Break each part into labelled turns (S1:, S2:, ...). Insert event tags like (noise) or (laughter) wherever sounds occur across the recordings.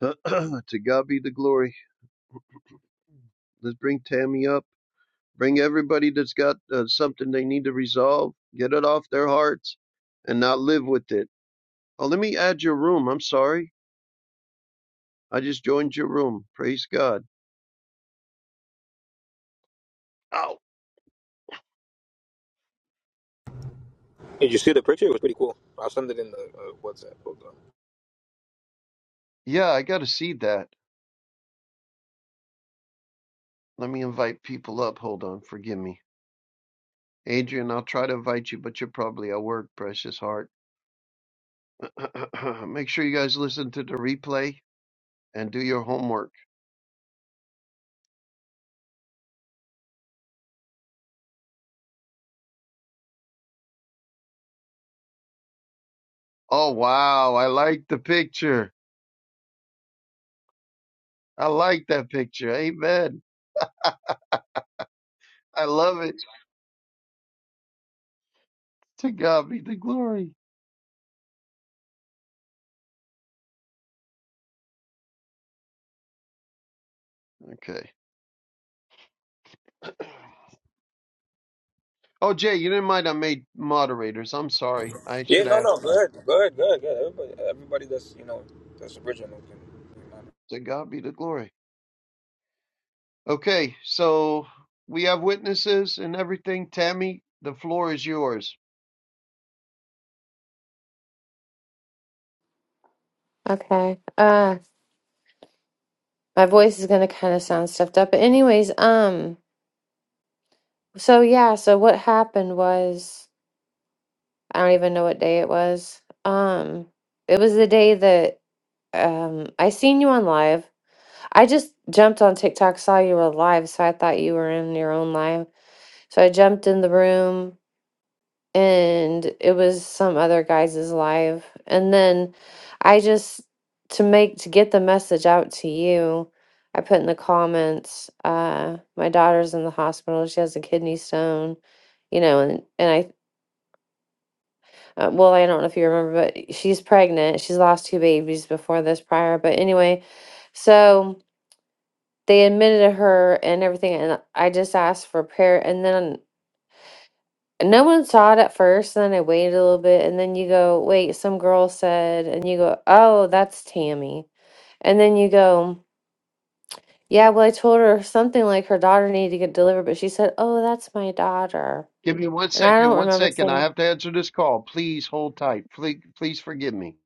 S1: (clears throat) to God be the glory. Let's bring Tammy up. Bring everybody that's got uh, something they need to resolve. Get it off their hearts and not live with it. Oh, let me add your room. I'm sorry. I just joined your room. Praise God. Oh,
S2: Hey, Did you see the picture? It was pretty cool. I'll send it in the uh, WhatsApp. Hold on.
S1: yeah, I got to see that. Let me invite people up. Hold on. Forgive me. Adrian, I'll try to invite you, but you're probably at work, precious heart. (clears throat) Make sure you guys listen to the replay and do your homework. Oh, wow. I like the picture. I like that picture. Amen. I love it. To God be the glory. Okay. Oh, Jay, you didn't mind I made moderators. I'm sorry. I
S2: Yeah,
S1: should
S2: no,
S1: ask
S2: no, go
S1: you.
S2: ahead, go ahead, go ahead, go ahead. Everybody, everybody that's you know that's original can.
S1: To God be the glory. Okay, so we have witnesses and everything. Tammy, the floor is yours.
S3: Okay. Uh, my voice is gonna kind of sound stuffed up. But anyways, um, so yeah, so what happened was I don't even know what day it was. Um, it was the day that um I seen you on live. I just jumped on TikTok, saw you were live, so I thought you were in your own live. So I jumped in the room. and it was some other guy's live and then i just to make to get the message out to you i put in the comments uh my daughter's in the hospital she has a kidney stone you know and and i uh, well i don't know if you remember but she's pregnant she's lost two babies before this prior but anyway so they admitted her and everything and i just asked for prayer and then And No one saw it at first, and then I waited a little bit, and then you go, wait, some girl said, and you go, oh, that's Tammy. And then you go, yeah, well, I told her something like her daughter needed to get delivered, but she said, oh, that's my daughter.
S1: Give me one
S3: And I
S1: second.
S3: don't
S1: One
S3: remember
S1: second. I
S3: saying,
S1: have to answer this call. Please hold tight. Please, please forgive me.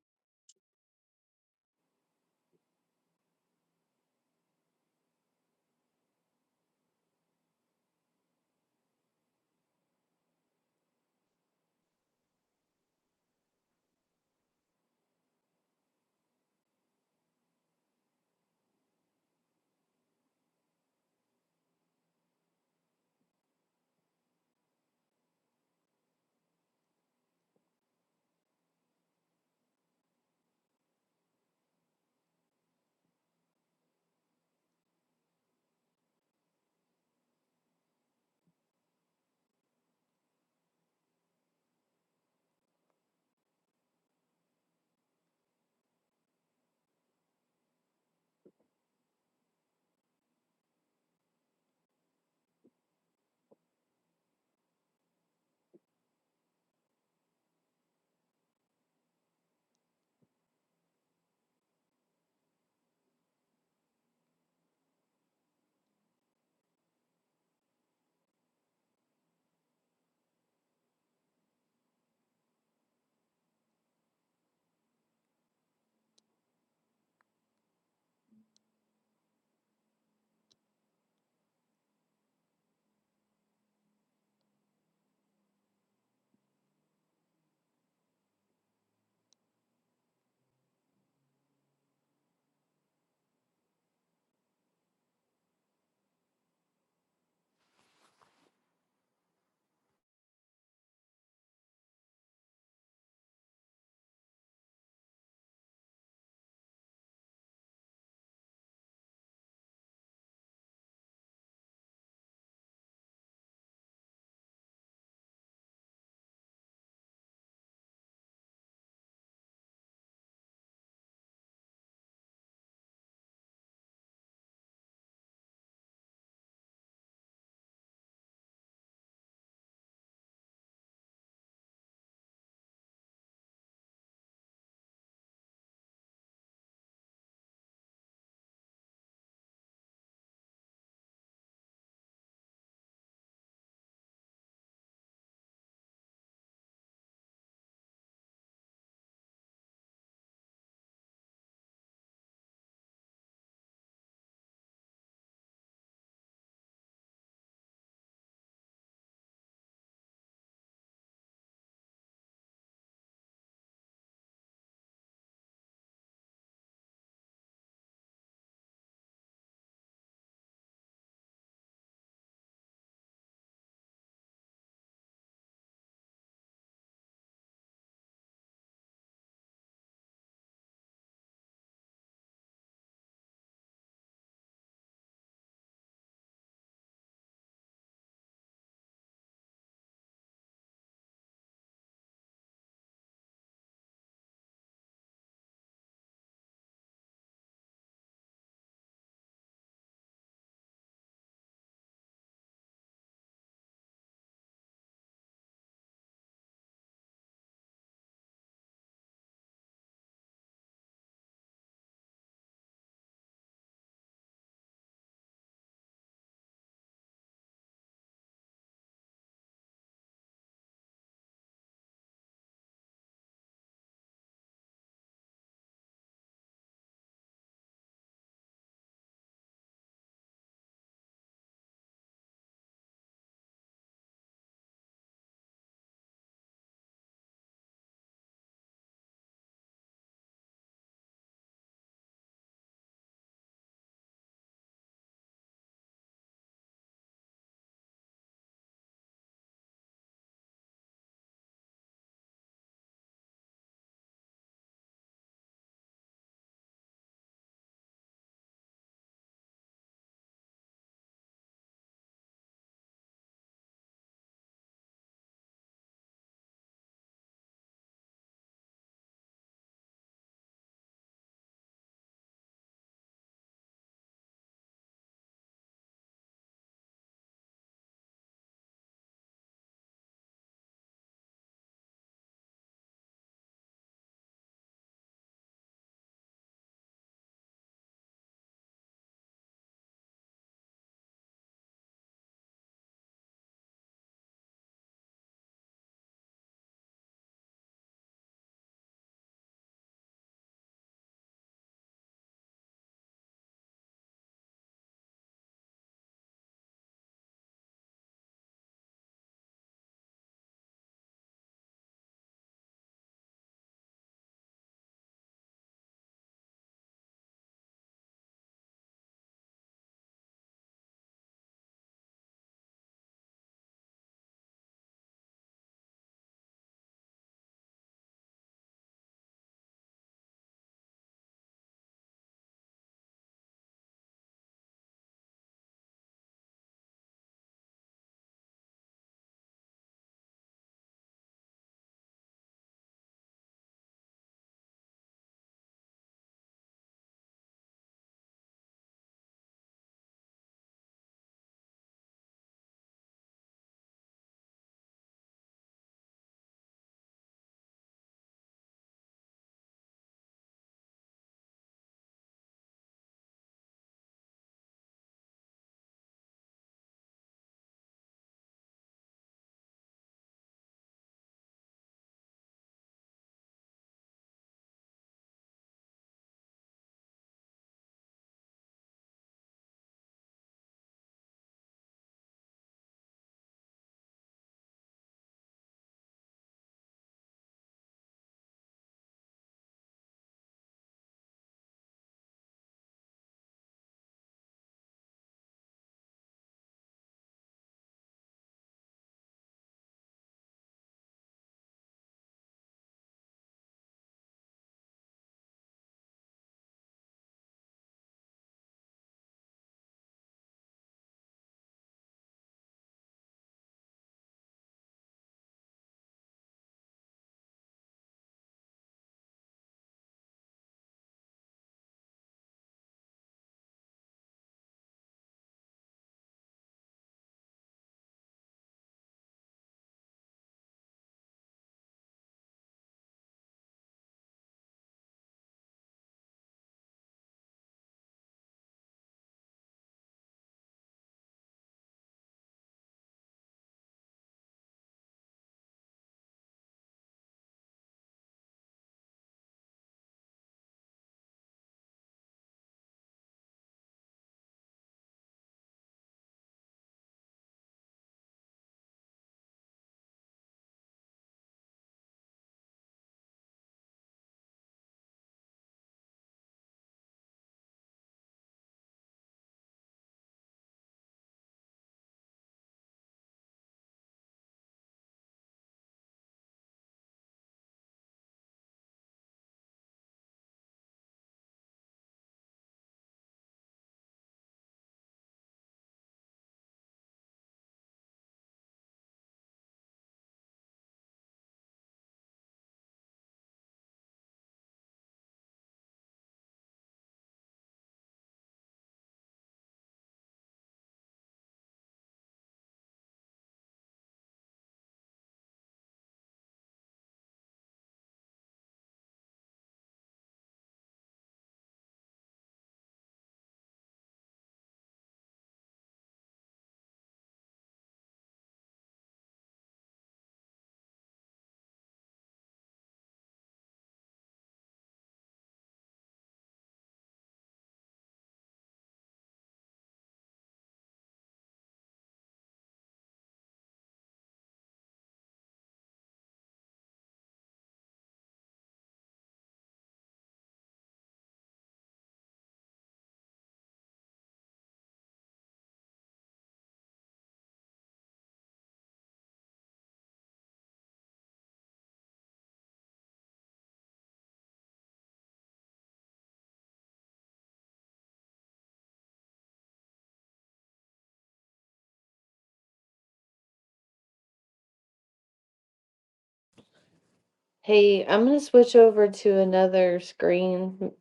S3: hey, I'm going to switch over to another screen. M-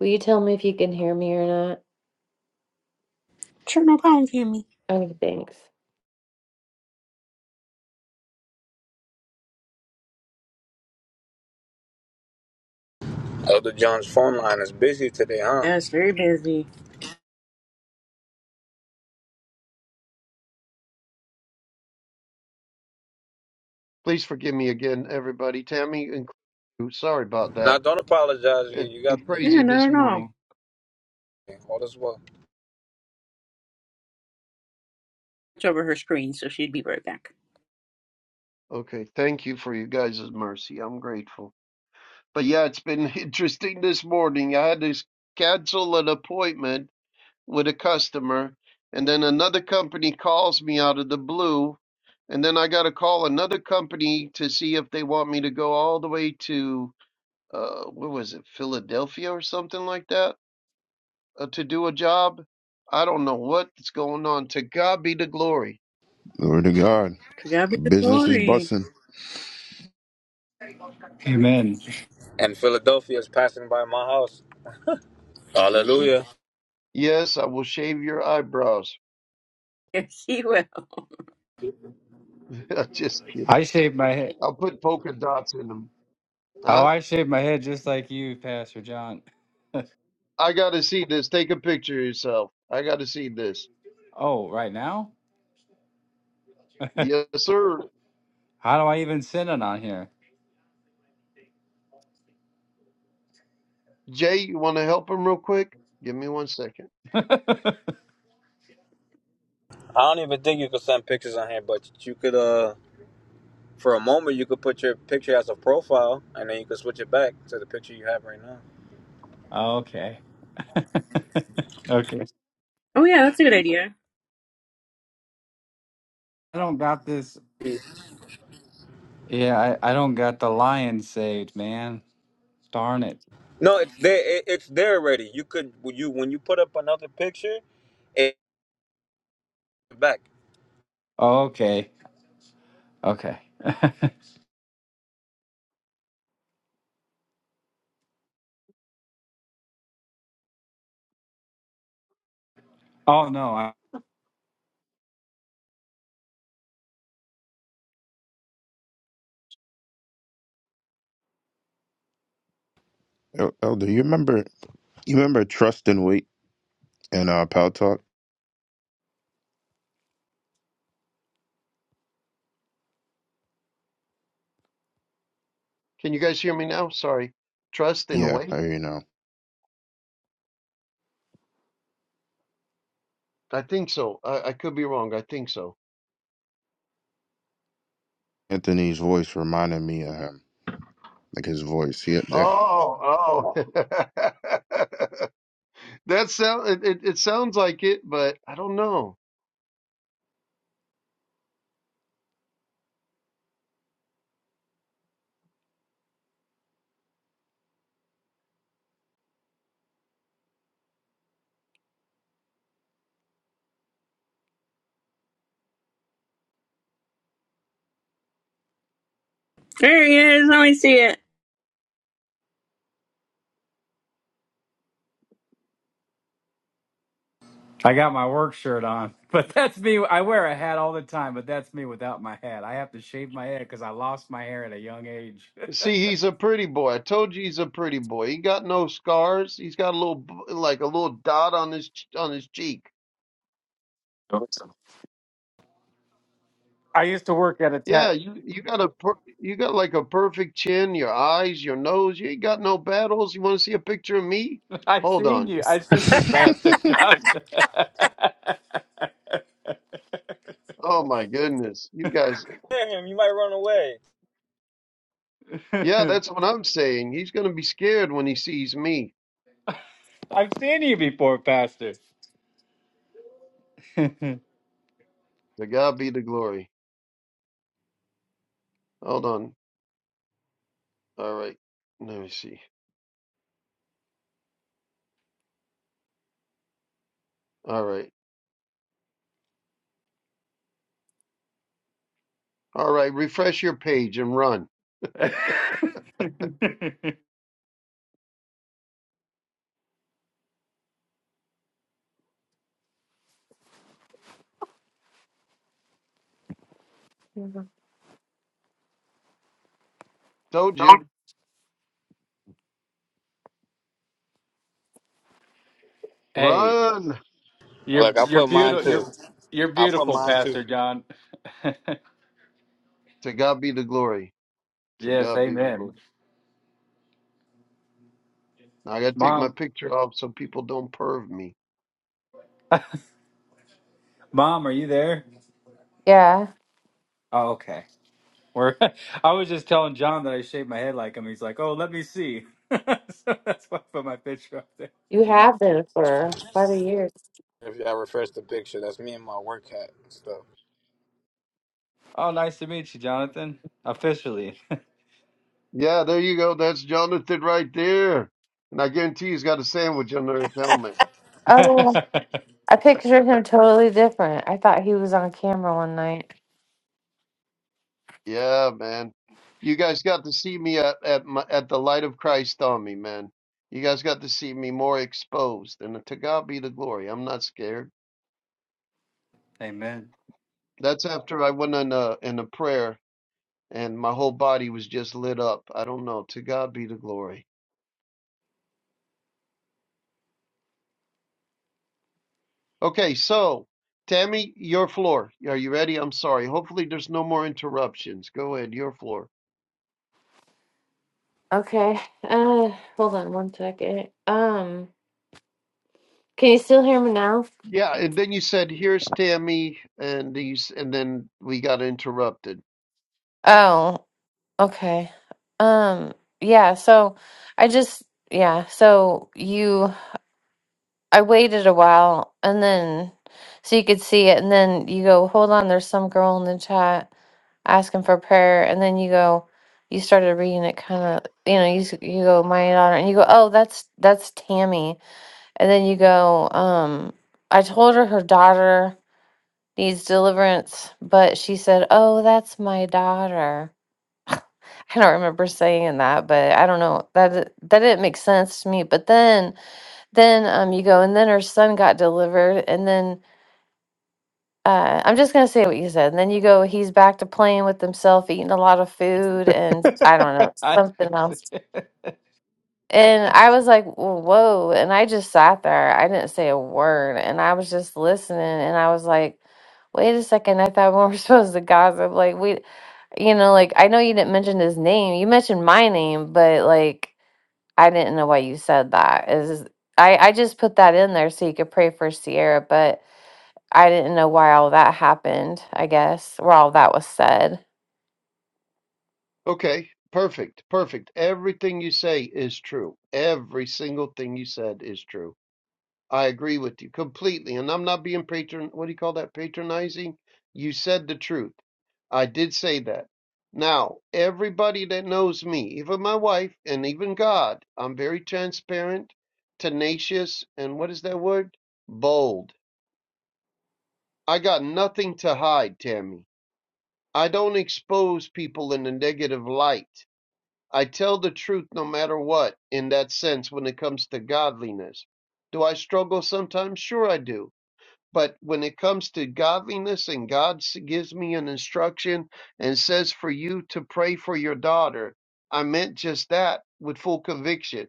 S3: Will you tell me if you can hear me or not?
S4: Sure, no problem, Tammy.
S3: Oh, thanks.
S2: Elder John's phone line is busy today, huh?
S4: Yeah, very busy.
S1: Please forgive me again, everybody. Tammy, include you. sorry about
S2: Now
S1: that.
S2: don't apologize. You,
S1: It's
S2: you got
S1: been
S2: you,
S4: Yeah,
S1: crazy
S4: not
S1: this
S4: at all.
S1: morning.
S2: all is well.
S4: It's over her screen, so she'd be right back.
S1: Okay, thank you for your guys' mercy. I'm grateful. But yeah, it's been (laughs) interesting this morning. I had to s- cancel an appointment with a customer, and then another company calls me out of the blue, and then I got to call another company to see if they want me to go all the way to uh what was it, Philadelphia or something like that, uh, to do a job. I don't know what's going on. To God be the glory.
S5: Glory to God.
S4: To God be the
S5: Business is
S4: glory. (laughs)
S5: busting.
S6: Amen.
S2: And Philadelphia is passing by my house. Hallelujah.
S1: Yes, I will shave your eyebrows.
S4: Yes, she will.
S1: (laughs) Just kidding.
S6: I shave my head.
S1: I'll put polka dots in them.
S6: Oh,
S1: I
S6: I shave my head just like you, Pastor John.
S1: I gotta see this. Take a picture of yourself. I gotta see this.
S6: Oh, right now? (laughs)
S1: Yes, sir.
S6: How do I even send it on here?
S1: Jay, you wanna help him real quick? Give me one second.
S2: I don't even think you could send pictures on here, but you could uh. For a moment, you could put your picture as a profile, and then you could switch it back to the picture you have right now.
S6: (laughs) okay. (laughs) okay. I
S4: Oh, yeah, that's a good idea.
S6: don't got this. Yeah, I, I don't got the lion saved, man. Darn it.
S2: No, it's there. It, it's there already. You could when you when you put up another picture, it back.
S6: Okay. Okay. (laughs) oh, no. I,
S5: El- Elder, you remember you remember Trust and Wait and uh Pal Talk?
S1: Can you guys hear me now? Sorry. Trust and
S5: Yeah, I
S1: wait.
S5: hear you now.
S1: I think so. I, I could be wrong. I think so.
S5: Anthony's voice reminded me of him. Like his voice. Yep, that.
S1: Oh, oh. (laughs) that sound it, it, it sounds like it, but I don't know.
S4: There he is. Let me see it.
S6: I got my work shirt on, (laughs) but that's me. I wear a hat all the time, but that's me without my hat. I have to shave my head because I lost my hair at a young age.
S1: See, he's a pretty boy. I told you he's a pretty boy. He got no scars. He's got a little like a little dot on his on his cheek.
S3: Oh.
S6: (laughs) I used to work at a
S1: Yeah,
S6: tat.
S1: you you got a per, you got like a perfect chin, your eyes, your nose. You ain't got no battles. You want to see a picture of me?
S6: I have
S1: Hold
S6: seen
S1: on.
S6: you. I have seen you, Pastor
S5: (laughs)
S6: John. (laughs)
S1: Oh my goodness, you guys.
S2: Hear him? You might run away.
S1: Yeah, that's what I'm saying. He's gonna be scared when he sees me.
S6: I've seen you before, Pastor. (laughs) hey,
S1: To God be the glory. Hold on. All right. Let me see. All right. All right. Refresh your page and run.
S3: Mhm.
S1: Told you. Run.
S6: you're
S2: Look, I
S6: you're
S2: put mine
S6: beautiful. You're
S2: too.
S6: you're
S2: I put
S6: beautiful,
S2: mine
S6: Pastor
S2: too.
S6: John.
S1: To God be the glory.
S6: (laughs)
S1: To
S6: yes,
S1: God be the
S6: Amen.
S1: glory. Now I gotta take my
S6: Mom,
S1: picture off so people don't perv me.
S6: Mom, are you there?
S3: Yeah,
S6: Oh, okay. We're, (laughs) I was just telling John that I shaved my head like him. He's like, "Oh, let me see." (laughs) so that's why I put my picture up there.
S3: you
S6: You
S3: have
S6: missed it.
S3: been for quite a year.
S2: If y'all refresh the picture, that's me in my work hat and stuff.
S6: Oh, nice to meet you, Jonathan. Officially.
S1: Yeah, there you go. That's Jonathan right there. And I guarantee he's got a sandwich under his helmet.
S3: Oh,
S6: (laughs)
S3: I pictured him totally different. I thought he was on camera one night.
S1: Yeah, man. You guys got to see me at at, my, at the light of Christ on me, man. You guys got to see me more exposed. And to God be the glory. I'm not scared.
S6: Amen.
S1: That's after I went in a in a prayer and my whole body was just lit up. I don't know. To God be the glory. Okay, so Tammy, your floor. Are you ready? I'm sorry. Hopefully there's no more interruptions. Go ahead, your floor.
S3: Okay. Uh, hold on one second. Um, can you still hear me now?
S1: Yeah, and then you said, "Here's Tammy," and these, and then we got interrupted.
S3: Oh, okay. Um, yeah, so I just yeah, so you I waited a while and then so you could see it and then you go, "Hold on, there's some girl in the chat asking for prayer." And then you go you started reading it kind of, you know, you s- you go, "My daughter." And you go, "Oh, that's that's Tammy." And then you go, um, I told her her daughter needs deliverance. But she said, Oh, that's my daughter. I don't remember saying that, but I don't know. That di- that didn't make sense to me. But then then um you go and then her son got delivered and then uh, I'm just gonna say what you said. And then you go, he's back to playing with himself, eating a lot of food, and
S6: (laughs)
S3: I don't know,
S6: I
S3: something else.
S6: (laughs)
S3: And I was like, whoa. And I just sat there. I didn't say a word. And I was just listening. And I was like, wait a second. I thought we were (laughs) supposed to gossip. Like, we, you know, like, I know you didn't mention his name. You mentioned my name, but like, I didn't know why you said that. Is I, I just put that in there so you could pray for Sierra, but I didn't know why all that happened, I guess, where all that was said.
S1: Okay, perfect, perfect. Everything you say is true. Every single thing you said is true. I agree with you completely, and I'm not being patron. What do you call that? Patronizing. You said the truth. I did say that. Now, everybody that knows me, even my wife, and even God, I'm very transparent, tenacious, and what is that word? Bold. I got nothing to hide, Tammy. I don't expose people in a negative light. I tell the truth no matter what, in that sense, when it comes to godliness. Do I struggle sometimes? Sure, I do. But when it comes to godliness and God s- gives me an instruction and says for you to pray for your daughter, I meant just that with full conviction.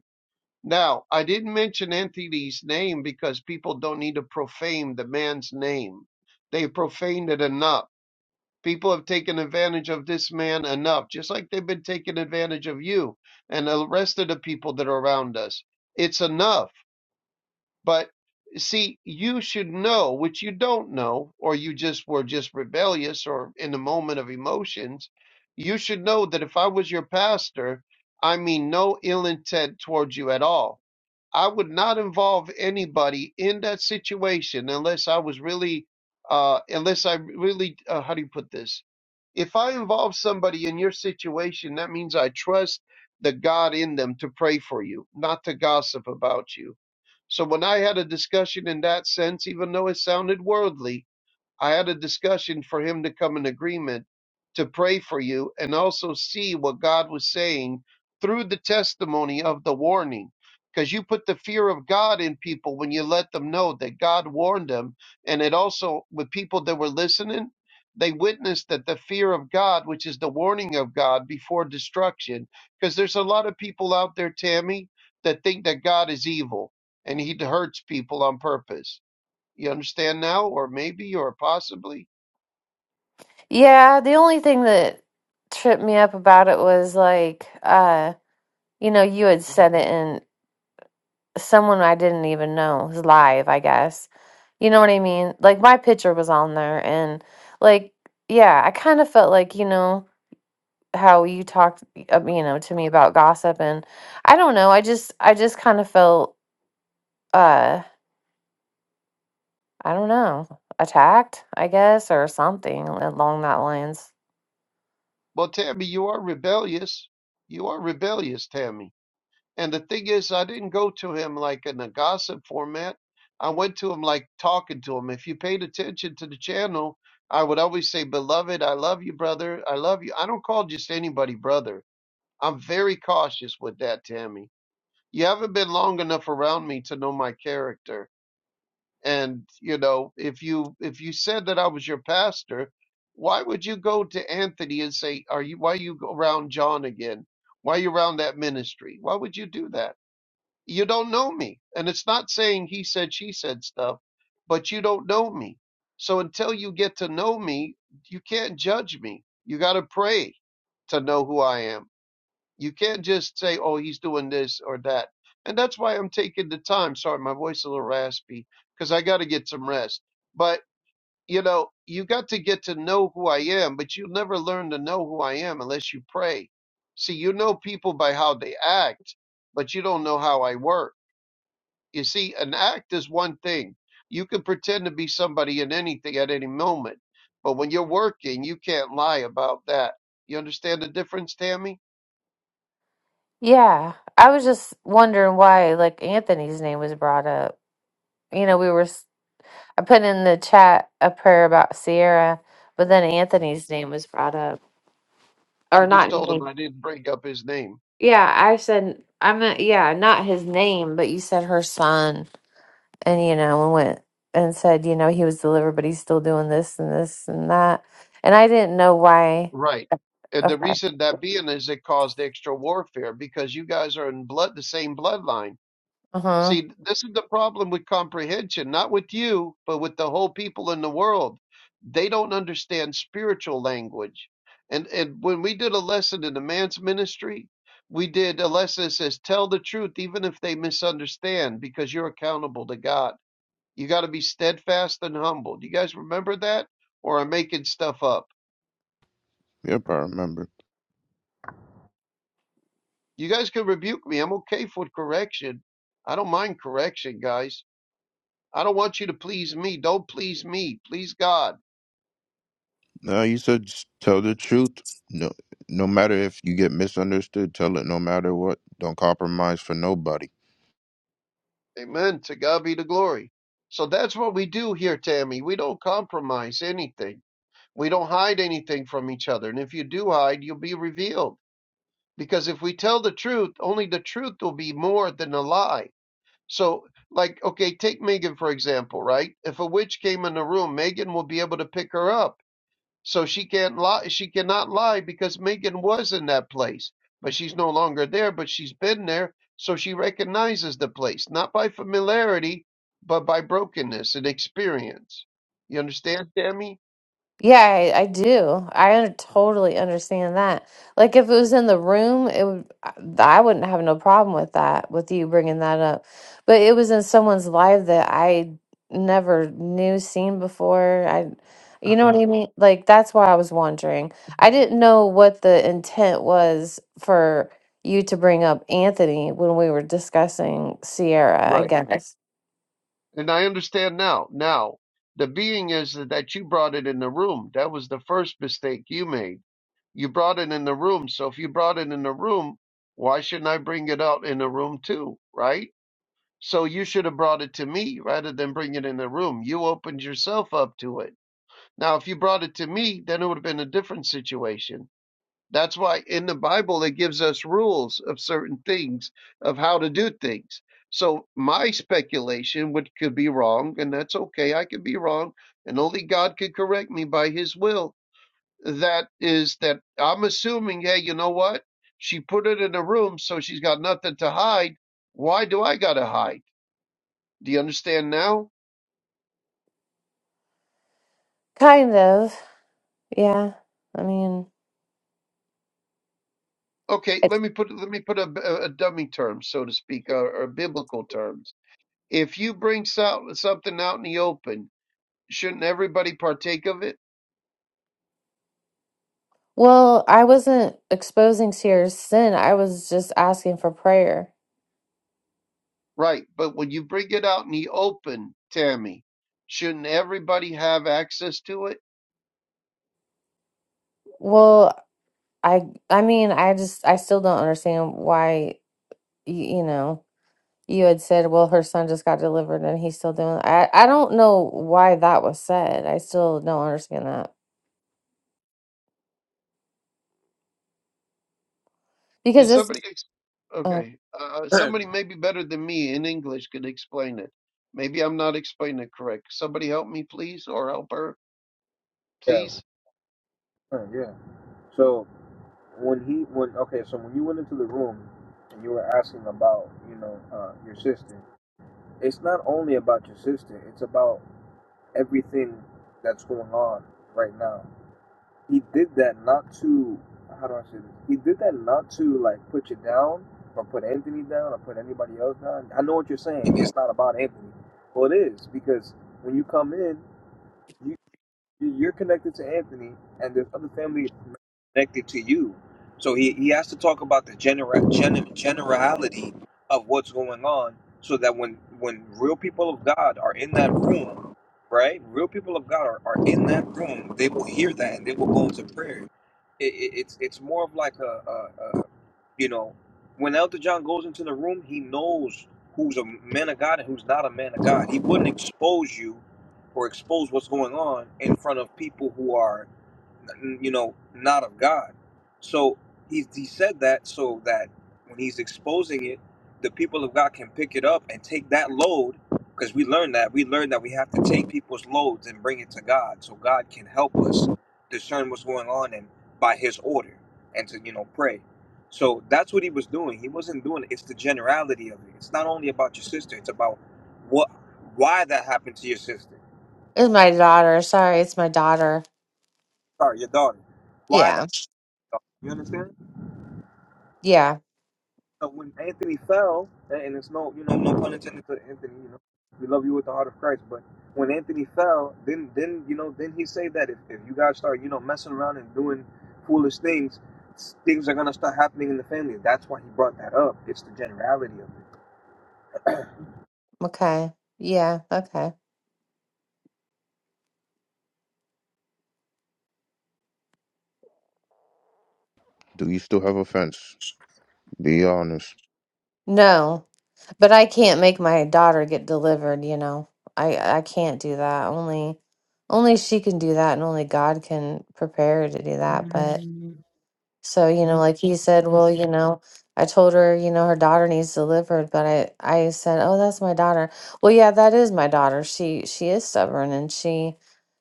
S1: Now, I didn't mention Anthony's name because people don't need to profane the man's name. They profaned it enough People have taken advantage of this man enough, just like they've been taking advantage of you and the rest of the people that are around us. It's enough. But see, you should know, which you don't know, or you just were just rebellious or in the moment of emotions. You should know that if I was your pastor, I mean no ill intent towards you at all. I would not involve anybody in that situation unless I was really, uh, unless I really, uh, how do you put this? If I involve somebody in your situation, that means I trust the God in them to pray for you, not to gossip about you. So when I had a discussion in that sense, even though it sounded worldly, I had a discussion for him to come in agreement to pray for you and also see what God was saying through the testimony of the warning. Because you put the fear of God in people when you let them know that God warned them. And it also, with people that were listening, they witnessed that the fear of God, which is the warning of God before destruction, because there's a lot of people out there, Tammy, that think that God is evil and he hurts people on purpose you understand now, or maybe, or possibly.
S3: Yeah. The only thing that tripped me up about it was like, uh, You know, you had said it in someone I didn't even know was live, I guess. You know what I mean? Like my picture was on there and like yeah, I kind of felt like, you know, how you talked uh, you know to me about gossip and I don't know, I just I just kind of felt uh I don't know, attacked, I guess, or something along that lines.
S1: Well, Tammy, you are rebellious. You are rebellious, Tammy. And the thing is, I didn't go to him like in a gossip format. I went to him like talking to him. If you paid attention to the channel, I would always say, Beloved, I love you, brother. I love you. I don't call just anybody brother. I'm very cautious with that, Tammy. You haven't been long enough around me to know my character. and you know if you if you said that i was your pastor why would you go to anthony and say are you why you go around john again why you around that ministry why would you do that you don't know me and it's not saying he said she said stuff but you don't know me so until you get to know me you can't judge me you got to pray to know who i am you can't just say, oh, he's doing this or that. And that's why I'm taking the time. Sorry, my voice is a little raspy because I got to get some rest. But, you know, you got to get to know who I am, but you'll never learn to know who I am unless you pray. See, you know people by how they act, but you don't know how I work. You see, an act is one thing. You can pretend to be somebody in anything at any moment. But when you're working, you can't lie about that. You understand the difference, Tammy?
S3: Yeah, I was just wondering why like Anthony's name was brought up. You know, we were s- I put in the chat a prayer about Sierra, but then Anthony's name was brought up, or
S1: You just
S3: not
S1: told him
S3: name.
S1: I didn't bring up his name.
S3: Yeah, I said I am meant yeah, not his name, but you said her son, and you know, and went and said you know he was delivered, but he's still doing this and this and that, and I didn't know why.
S1: Right. And the
S3: Okay.
S1: reason that being is it caused extra warfare because you guys are in blood the same bloodline.
S3: uh-huh.
S1: See, th- this is the problem with comprehension, not with you, but with the whole people in the world. They don't understand spiritual language. And and when we did a lesson in the man's ministry, we did a lesson that says tell the truth even if they misunderstand because you're accountable to God. You got to be steadfast and humble. Do you guys remember that? Or I'm making stuff up.
S5: yep, I remember.
S1: You guys can rebuke me. I'm okay for correction. I don't mind correction, guys. I don't want you to please me. Don't please me. Please God.
S5: No, you said just tell the truth. No no matter if you get misunderstood, tell it no matter what. Don't compromise for nobody.
S1: Amen. To God be the glory. So that's what we do here, Tammy. We don't compromise anything. We don't hide anything from each other. And if you do hide, you'll be revealed. Because if we tell the truth, only the truth will be more than a lie So, like, okay, take Megan for example, right? If a witch came in the room, Megan will be able to pick her up. So she can't lie. She cannot lie because Megan was in that place, but she's no longer there. But she's been there, so she recognizes the place, not by familiarity, but by brokenness and experience. You understand, Tammy?
S3: Yeah, I, I do. I un- totally understand that. Like if it was in the room, it would I I wouldn't have no problem with that, with you bringing that up. But it was in someone's life that I never knew seen before. I you
S1: (clears throat)
S3: know what I mean? Like that's why I was wondering. I didn't know what the intent was for you to bring up Anthony when we were discussing Sierra, I
S1: Right.
S3: guess.
S1: And I understand now. Now, the being is that you brought it in the room. That was the first mistake you made You brought it in the room. So if you brought it in the room, why shouldn't I bring it out in the room too? Right? So you should have brought it to me rather than bring it in the room. You opened yourself up to it. Now, if you brought it to me, then it would have been a different situation. That's why in the Bible, it gives us rules of certain things, of how to do things. So my speculation, which could be wrong, and that's okay, I could be wrong, and only God could correct me by his will that is that I'm assuming, hey, you know what? She put it in a room, so she's got nothing to hide. Why do I gotta hide? Do you understand now?
S3: Kind of. Yeah. I mean,
S1: Okay, let me put let me put a, a dummy term, so to speak, or, or biblical terms. If you bring so, something out in the open, shouldn't everybody partake of it?
S3: Well, I wasn't exposing Sierra's sin. I was just asking for prayer.
S1: Right, but when you bring it out in the open, Tammy, shouldn't everybody have access to it?
S3: Well, I I mean, I just I still don't understand why you, you know, you had said, well, her son just got delivered and he's still doing I I don't know why that was said. I still don't understand that.
S1: Can
S3: Because it's
S1: somebody, ex-
S3: oh,
S1: okay, uh,
S2: (clears throat)
S1: somebody maybe better than me in English could explain it. Maybe I'm not explaining it correct. Somebody help me, please, or help her,
S2: yeah,
S1: please.
S2: uh, yeah. So when he when okay, so when you went into the room and you were asking about you know uh, your sister, it's not only about your sister. It's about everything that's going on right now. he did that not to how do I say this? He did that not to like put you down or put Anthony down or put anybody else down. I know what you're saying. It's not about Anthony. Well, it is because when you come in, you you're connected to Anthony, and there's other family connected to you. So he, he has to talk about the genera- gen- generality of what's going on so that when, when real people of God are in that room, right? Real people of God are, are in that room, they will hear that and they will go into prayer. It, it, it's, it's more of like a, a, a, you know, when Elder John goes into the room, he knows who's a man of God and who's not a man of God. He wouldn't expose you or expose what's going on in front of people who are you know, not of God. So he, he said that so that when he's exposing it, the people of God can pick it up and take that load because we learned that. We learned that we have to take people's loads and bring it to God so God can help us discern what's going on and by his order and to, you know, pray. So that's what he was doing. He wasn't doing it. It's the generality of it. It's not only about your sister, it's about what why that happened to your sister.
S3: it's my daughter. Sorry, it's my daughter.
S2: Sorry, your daughter. Why that
S3: Yeah.
S2: you understand?
S3: Yeah.
S2: So when Anthony fell, and it's no, you know, no pun intended to Anthony. You know, we love you with the heart of Christ. But when Anthony fell, then then you know, then he said that if, if you guys start, you know, messing around and doing foolish things, things are gonna start happening in the family. That's why he brought that up. It's the generality of
S3: Okay. Yeah. Okay.
S5: Do you still have offense? Be honest.
S3: No. But I can't make my daughter get delivered, you know. I I can't do that. Only only she can do that and only God can prepare her to do that. But so, you know, like he said, well, you know, I told her, you know, her daughter needs delivered, but I I said, "Oh, that's my daughter." Well, yeah, that is my daughter. She she is stubborn and she,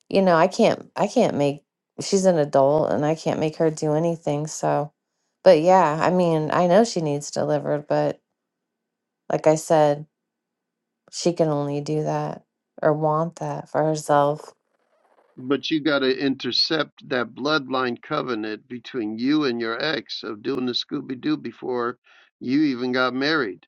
S3: you know, I can't I can't make she's an adult and I can't make her do anything. So, but yeah, I mean, I know she needs delivered, but like I said, she can only do that or want that for herself.
S1: But you got to intercept that bloodline covenant between you and your ex of doing the Scooby Doo before you even got married.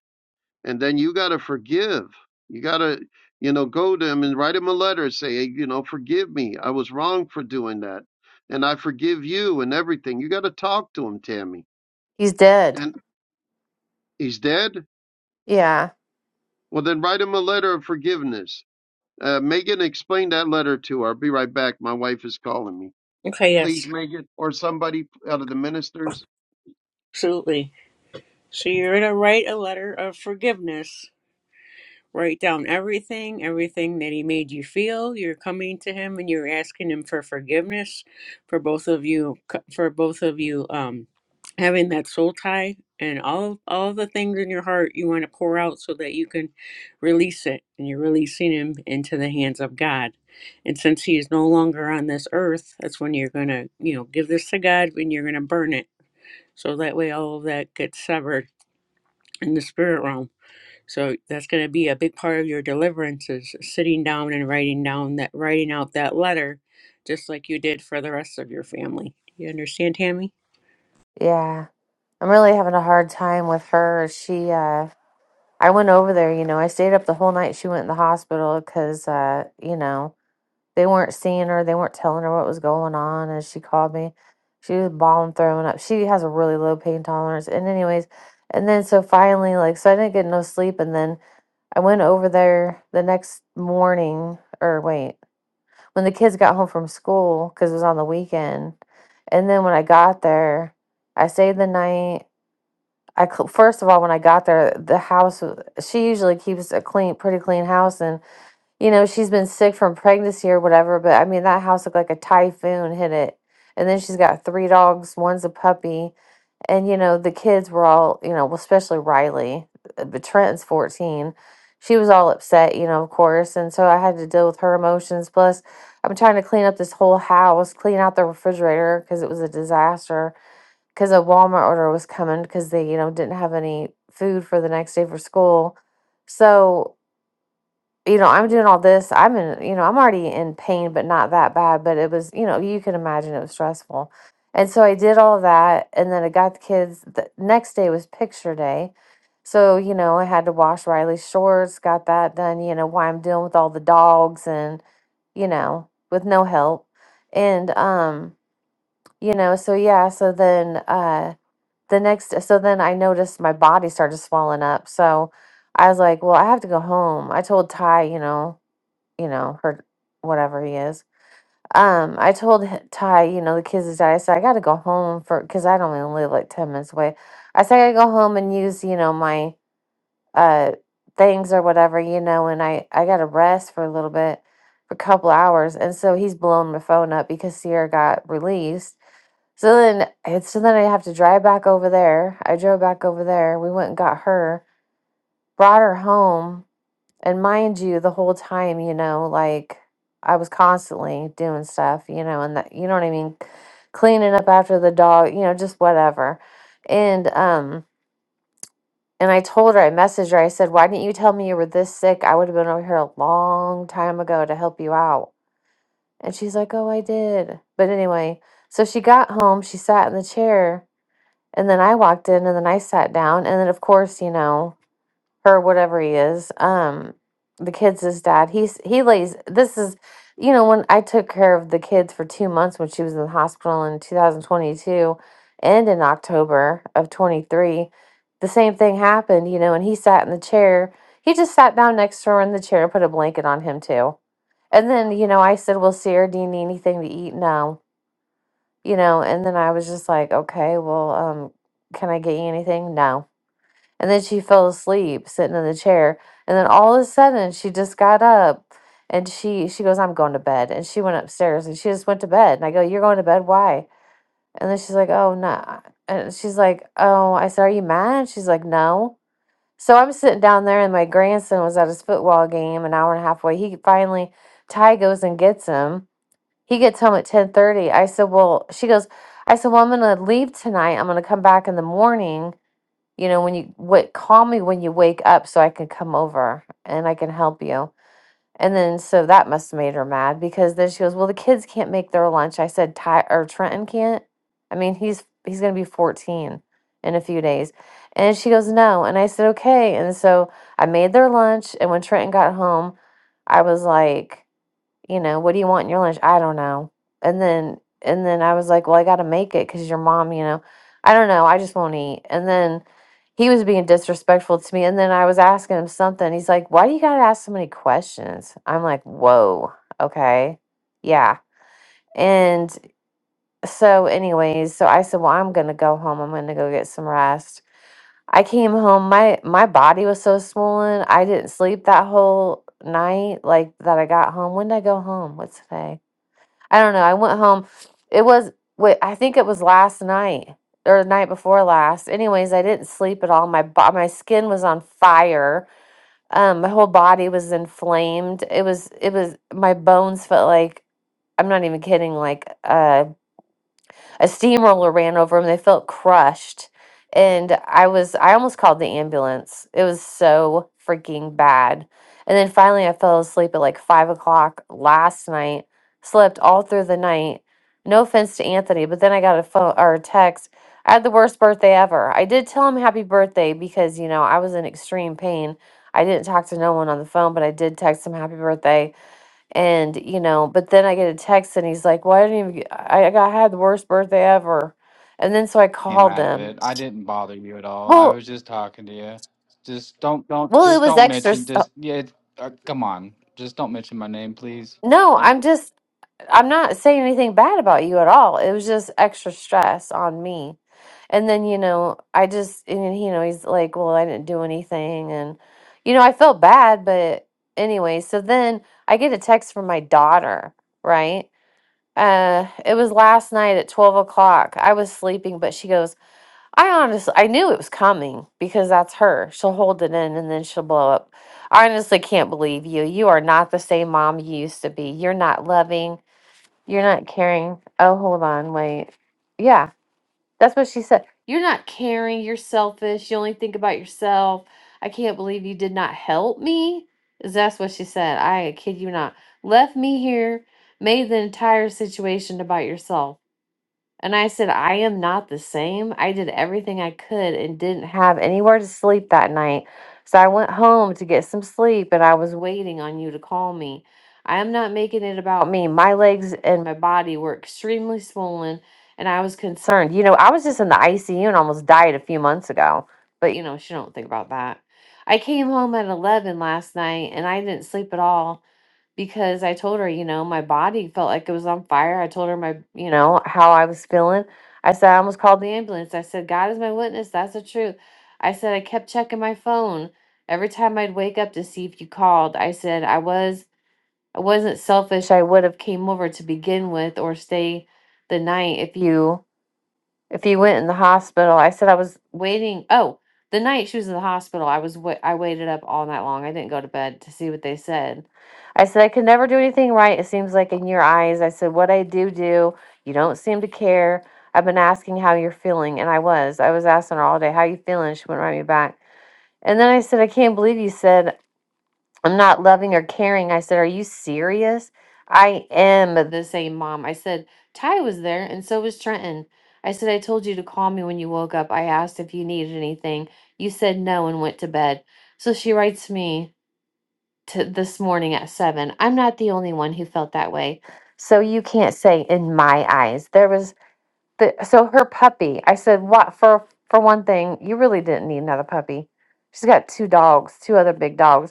S1: And then you got to forgive. You got to, you know, go to him and write him a letter and say, "Hey, you know, forgive me. I was wrong for doing that. And I forgive you and everything. You got to talk to him, Tammy.
S3: He's dead.
S1: And He's dead?
S3: Yeah.
S1: Well, then write him a letter of forgiveness. Uh, Megan, explain that letter to her. I'll be right back. My wife is calling me.
S4: Okay, yes,
S1: Please, Megan, or somebody out of the ministers.
S4: absolutely. So you're going to write a letter of forgiveness Write down everything, everything that he made you feel. You're coming to him and you're asking him for forgiveness for both of you, for both of you um, having that soul tie and all all the things in your heart you want to pour out so that you can release it and you're releasing him into the hands of God. And since he is no longer on this earth, that's when you're gonna, you know, give this to God and you're gonna burn it. So that way all of that gets severed in the spirit realm so that's going to be a big part of your deliverance is sitting down and writing down that writing out that letter, just like you did for the rest of your family. Do you understand, Tammy?
S3: Yeah. I'm really having a hard time with her. She, uh, I went over there, you know, I stayed up the whole night she went in the hospital because, uh, you know, they weren't seeing her. They weren't telling her what was going on. And she called me. She was bawling, throwing up. She has a really low pain tolerance. And, anyways, and then so finally, like, so I didn't get no sleep. And then I went over there the next morning, or wait. when the kids got home from school because it was on the weekend. And then when I got there, I stayed the night. I cl- first of all, when I got there, the house w- she usually keeps a clean, pretty clean house, and you know she's been sick from pregnancy or whatever. But I mean that house looked like a typhoon hit it, and then she's got three dogs. One's a puppy and you know the kids were all you know well, especially riley uh, but trenton's 14 she was all upset you know of course and so i had to deal with her emotions plus i'm trying to clean up this whole house clean out the refrigerator because it was a disaster because a walmart order was coming because they you know didn't have any food for the next day for school so you know, I'm doing all this. I'm in, you know, I'm already in pain, but not that bad. But it was, you know, you can imagine it was stressful. And so I did all that. And then I got the kids. The next day was picture day. So, you know, I had to wash Riley's shorts, got that done, you know, why I'm dealing with all the dogs and, you know, with no help. And, um, you know, so yeah, so then, uh, the next, so then I noticed my body started swelling up. So I was like, well, I have to go home. I told Ty, you know, you know, her whatever he is. Um, I told h- Ty, you know, the kids is out. I said I got to go home for because I don't even live like ten minutes away. I said I got to go home and use, you know, my uh things or whatever, you know, and I I got to rest for a little bit, for a couple hours. And so he's blowing my phone up because Sierra got released. So then, it's so then I have to drive back over there. I drove back over there. We went and got her, brought her home and mind you, the whole time, you know, like I was constantly doing stuff, you know, and that, you know what I mean? Cleaning up after the dog, you know, just whatever. And, um, and I told her, I messaged her, I said, why didn't you tell me you were this sick? I would have been over here a long time ago to help you out. And she's like, oh, I did. But anyway, so she got home, she sat in the chair, and then I walked in and then I sat down. And then, of course, you know, or whatever he is, um, the kids' his dad. He's he lays. This is, you know, when I took care of the kids for two months when she was in the hospital in 2022, and in October of 23, the same thing happened. You know, and he sat in the chair. He just sat down next to her in the chair and put a blanket on him too. And then you know, I said, "Well, Sierra, do you need anything to eat?" No, you know. And then I was just like, "Okay, well, um, can I get you anything?" No and then she fell asleep sitting in the chair. And then all of a sudden she just got up and she she goes, I'm going to bed. And she went upstairs and she just went to bed. And I go, You're going to bed? Why? And then she's like, Oh no. And she's like, Oh, I said, Are you mad? And she's like, No. So I'm sitting down there and my grandson was at his football game an hour and a half away. He finally Ty goes and gets him. He gets home at ten thirty. I said, Well, she goes, I said, Well, I'm gonna leave tonight. I'm gonna come back in the morning you know, when you what call me when you wake up so I can come over and I can help you. And then so that must have made her mad because then she goes, Well, the kids can't make their lunch. I said Ty or Trenton can't. I mean, he's he's gonna be fourteen in a few days. And she goes, No. And I said, Okay. And so I made their lunch and when Trenton got home, I was like you know, what do you want in your lunch? I don't know. And then and then I was like, well, I got to make it cuz your mom, you know. I don't know. I just won't eat. And then he was being disrespectful to me and then I was asking him something. He's like, "Why do you got to ask so many questions?" I'm like, "Whoa. Okay. Yeah." And so anyways, so I said, "Well, I'm going to go home. I'm going to go get some rest." I came home. My my body was so swollen. I didn't sleep that whole night like that I got home. When did I go home? What's today? I don't know. I went home. It was wait, I think it was last night or the night before last. Anyways, I didn't sleep at all. My bo- my skin was on fire. Um, my whole body was inflamed. It was it was my bones felt like I'm not even kidding. Like uh a steamroller ran over them. They felt crushed. And I was, I almost called the ambulance. It was so freaking bad. And then finally, I fell asleep at like five o'clock last night, slept all through the night. No offense to Anthony, but then I got a phone or a text. I had the worst birthday ever. I did tell him happy birthday because, you know, I was in extreme pain. I didn't talk to no one on the phone, but I did text him happy birthday and, you know, but then I get a text and he's like, "Why didn't even I, I got- had the worst birthday ever. And then so I
S6: came
S3: called
S6: out of
S3: them.
S6: it. I didn't bother you at all. I
S3: Well,
S6: was just talking to you. Just don't, don't,
S3: well, it
S6: just
S3: was
S6: don't
S3: extra.
S6: mention.
S3: st-
S6: Just yeah. Uh, come on. Just don't mention my name, please.
S3: No,
S6: And
S3: I'm just, I'm not saying anything bad about you at all. It was just extra stress on me. And then, you know, I just, and then, you know, he's like, Well, I didn't do anything. And, you know, I felt bad, but anyway, so then I get a text from my daughter, right? Uh, it was last night at 12 o'clock. I was sleeping, but she goes, I honestly, I knew it was coming because that's her. She'll hold it in and then she'll blow up. I honestly can't believe you. You are not the same mom you used to be. You're not loving. You're not caring. Oh, hold on. Wait. Yeah, that's what she said. You're not caring. You're selfish. You only think about yourself. I can't believe you did not help me. Is That's what she said. I kid you not. Left me here, made the entire situation about yourself. And I said, I am not the same. I did everything I could and didn't have anywhere to sleep that night. So I went home to get some sleep and I was waiting on you to call me. I am not making it about me. My legs and my body were extremely swollen and I was concerned. You know, I was just in the ICU and almost died a few months ago. But, you know, she don't think about that. I came home at 11 last night and I didn't sleep at all because I told her, you know, my body felt like it was on fire. I told her my, you know, how I was feeling. I said, I almost called the ambulance. I said, God is my witness. That's the truth. I said, I kept checking my phone every time I'd wake up to see if you called. I said, I was, I wasn't selfish. I would have came over to begin with or stay the night if you if you went in the hospital i said i was waiting oh the night she was in the hospital i was wa- i waited up all night long i didn't go to bed to see what they said i said i could never do anything right it seems like in your eyes i said what i do do you don't seem to care i've been asking how you're feeling and i was i was asking her all day how you feeling she wouldn't write me back and then i said i can't believe you said I'm not loving or caring. I said, Are you serious? I am the same mom. I said, Ty was there and so was Trenton. I said, I told you to call me when you woke up. I asked if you needed anything. You said no and went to bed. So she writes me to this morning at seven. I'm not the only one who felt that way. So you can't say in my eyes. There was the so her puppy. I said, What for for one thing, you really didn't need another puppy. She's got two dogs, two other big dogs.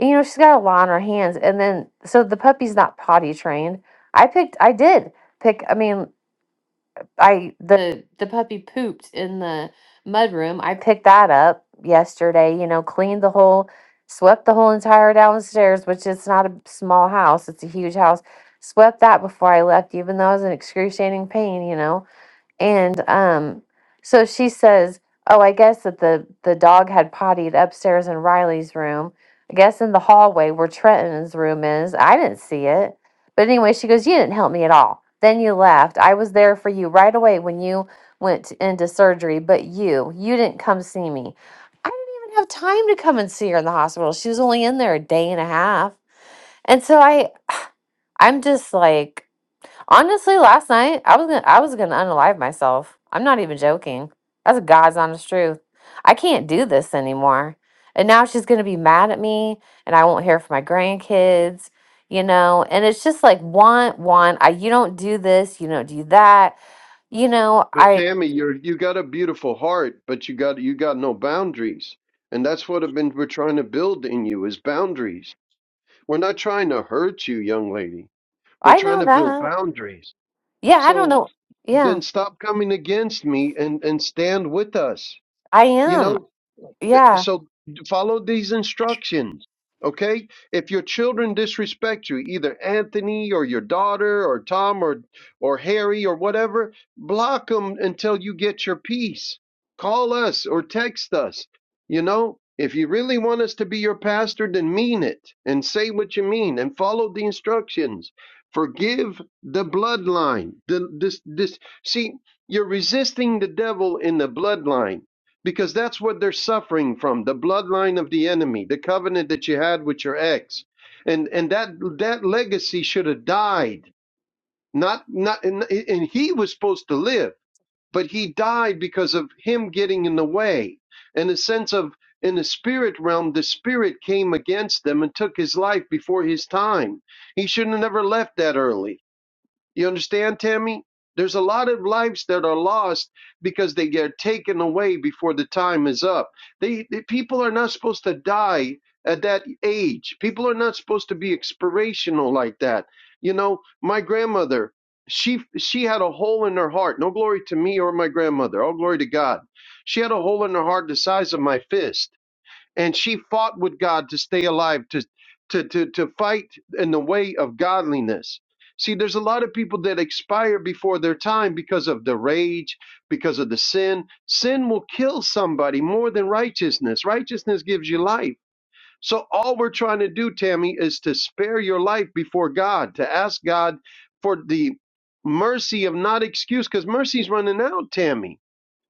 S3: And, you know, she's got a lot on her hands. And then, so the puppy's not potty trained. I picked, I did pick, I mean, I, the, the puppy pooped in the mudroom. I picked that up yesterday, you know, cleaned the whole, swept the whole entire downstairs, which is not a small house. It's a huge house. Swept that before I left, even though I was in excruciating pain, you know. And um, so she says, "Oh, I guess that the the dog had pottied upstairs in Riley's room. I guess in the hallway where Trenton's room is. I didn't see it, but anyway, she goes, "You didn't help me at all. Then you left. I was there for you right away when you went into surgery, but you you didn't come see me. I didn't even have time to come and see her in the hospital. She was only in there a day and a half, and so I." I'm just like Honestly, last night I was gonna I was gonna unalive myself. I'm not even joking. That's God's honest truth. I can't do this anymore. And now she's gonna be mad at me and I won't hear from my grandkids, you know, and it's just like want, want, I you don't do this, you don't do that. You know,
S1: But
S3: I
S1: Tammy, you're you got a beautiful heart, but you got you got no boundaries, and that's what I've been we're trying to build in you is boundaries. We're not trying to hurt you, young lady. We're
S3: I
S1: trying
S3: know
S1: to build
S3: that.
S1: boundaries.
S3: Yeah, I don't
S1: So
S3: know. Yeah,
S1: then stop coming against me and and stand with us.
S3: I
S1: You
S3: am.
S1: know,
S3: Yeah.
S1: so follow these instructions okay if your children disrespect you either anthony or your daughter or tom or or harry or whatever block them until you get your peace call us or text us you know if you really want us to be your pastor then mean it and say what you mean and follow the instructions forgive the bloodline the, this this see you're resisting the devil in the bloodline because that's what they're suffering from, the bloodline of the enemy, the covenant that you had with your ex. And and that that legacy should have died. Not not and, and he was supposed to live, but he died because of him getting in the way. And a sense of in the spirit realm, the spirit came against them and took his life before his time. He shouldn't have never left that early. You understand, Tammy? There's a lot of lives that are lost because they get taken away before the time is up. They, they people are not supposed to die at that age. People are not supposed to be expirational like that. You know, my grandmother, she she had a hole in her heart. No glory to me or my grandmother. All glory to God. She had a hole in her heart the size of my fist and she fought with God to stay alive, to to to to fight in the way of godliness. See, there's a lot of people that expire before their time because of the rage, because of the sin. Sin will kill somebody more than righteousness. Righteousness gives you life. So all we're trying to do, Tammy, is to spare your life before God, to ask God for the mercy of not excuse, because mercy's running out, Tammy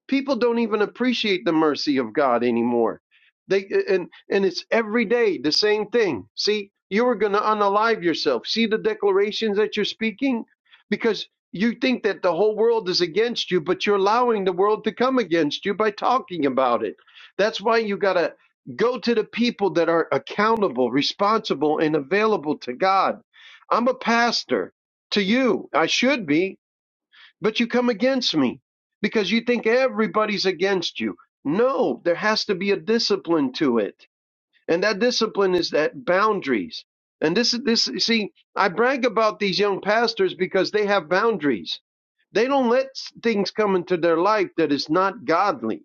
S1: People don't even appreciate the mercy of God anymore. They and and it's every day the same thing. See, you are going to unalive yourself. See the declarations that you're speaking because you think that the whole world is against you, but you're allowing the world to come against you by talking about it. That's why you got to go to the people that are accountable, responsible, and available to God. I'm a pastor to you. I should be but you come against me because you think everybody's against you. No, there has to be a discipline to it. And that discipline is that boundaries. And this is this see, I brag about these young pastors because they have boundaries. They don't let s- things come into their life that is not godly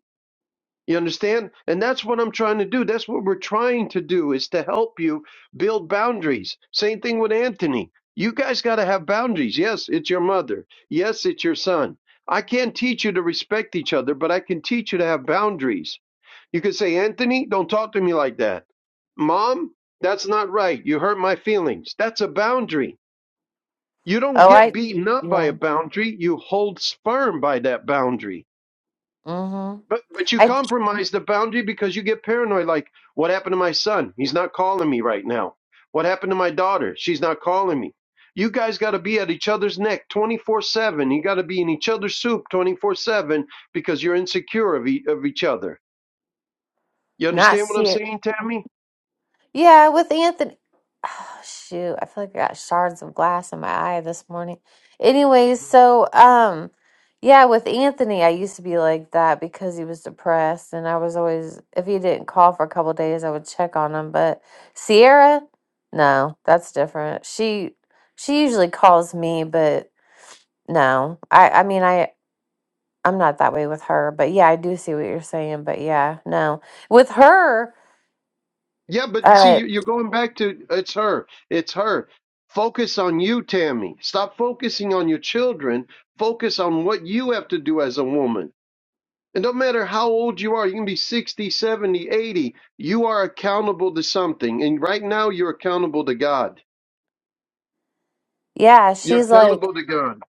S1: you understand? And that's what I'm trying to do. That's what we're trying to do is to help you build boundaries. Same thing with Anthony. You guys got to have boundaries. Yes, it's your mother. Yes, it's your son. I can't teach you to respect each other, but I can teach you to have boundaries. You could say, Anthony, don't talk to me like that. Mom, that's not right. You hurt my feelings. That's a boundary. You don't
S3: Oh
S1: get
S3: I
S1: beaten up by a
S3: yeah.
S1: boundary. You hold firm by that boundary
S3: Mm-hmm.
S1: but but you
S3: I
S1: compromise the boundary because you get paranoid. Like, what happened to my son? He's not calling me right now. What happened to my daughter? She's not calling me. You guys got to be at each other's neck 24 7. You got to be in each other's soup 24 7 because you're insecure of, e- of each other. You
S3: not
S1: understand what I'm
S3: serious.
S1: saying, Tammy?
S3: Yeah, with Anthony. (sighs) Oh, shoot, I feel like I got shards of glass in my eye this morning. Anyways, so um, yeah, with Anthony, I used to be like that because he was depressed, and I was always if he didn't call for a couple days, I would check on him. But Sierra, no, that's different. She she usually calls me, but no, I I mean I I'm not that way with her. But yeah, I do see what you're saying. But yeah, no, with her,
S1: Yeah, but see,
S3: uh,
S1: you- you're going back to it's her. It's her. Focus on you, Tammy. Stop focusing on your children. Focus on what you have to do as a woman It don't matter how old you are, you can be 60, 70, eighty. You are accountable to something. And right now, you're accountable to God.
S3: (laughs) yeah,
S1: You're
S3: she's like.
S1: accountable to God.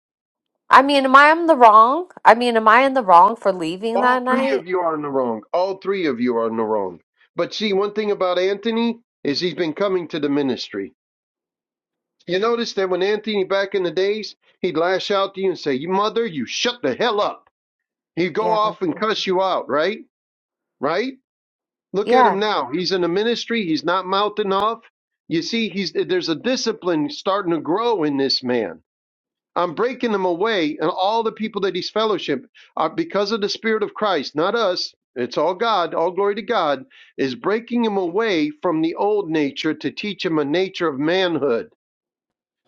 S3: I mean, am I in the wrong? I mean, am I in the wrong for leaving that
S1: All three
S3: night?
S1: of you are in the wrong. All three of you are in the wrong. But see, one thing about Anthony is he's been coming to the ministry. You notice that when Anthony back in the days, he'd lash out to you and say, You mother, you shut the hell up. He'd go
S3: Yeah.
S1: off and cuss you out, right? Right? Look at
S3: Yeah.
S1: him now. He's in the ministry. He's not mouthing off. You see, he's there's a discipline starting to grow in this man. I'm breaking him away, and all the people that he's fellowship are because of the Spirit of Christ, not us. It's all God. All glory to God is breaking him away from the old nature to teach him a nature of manhood.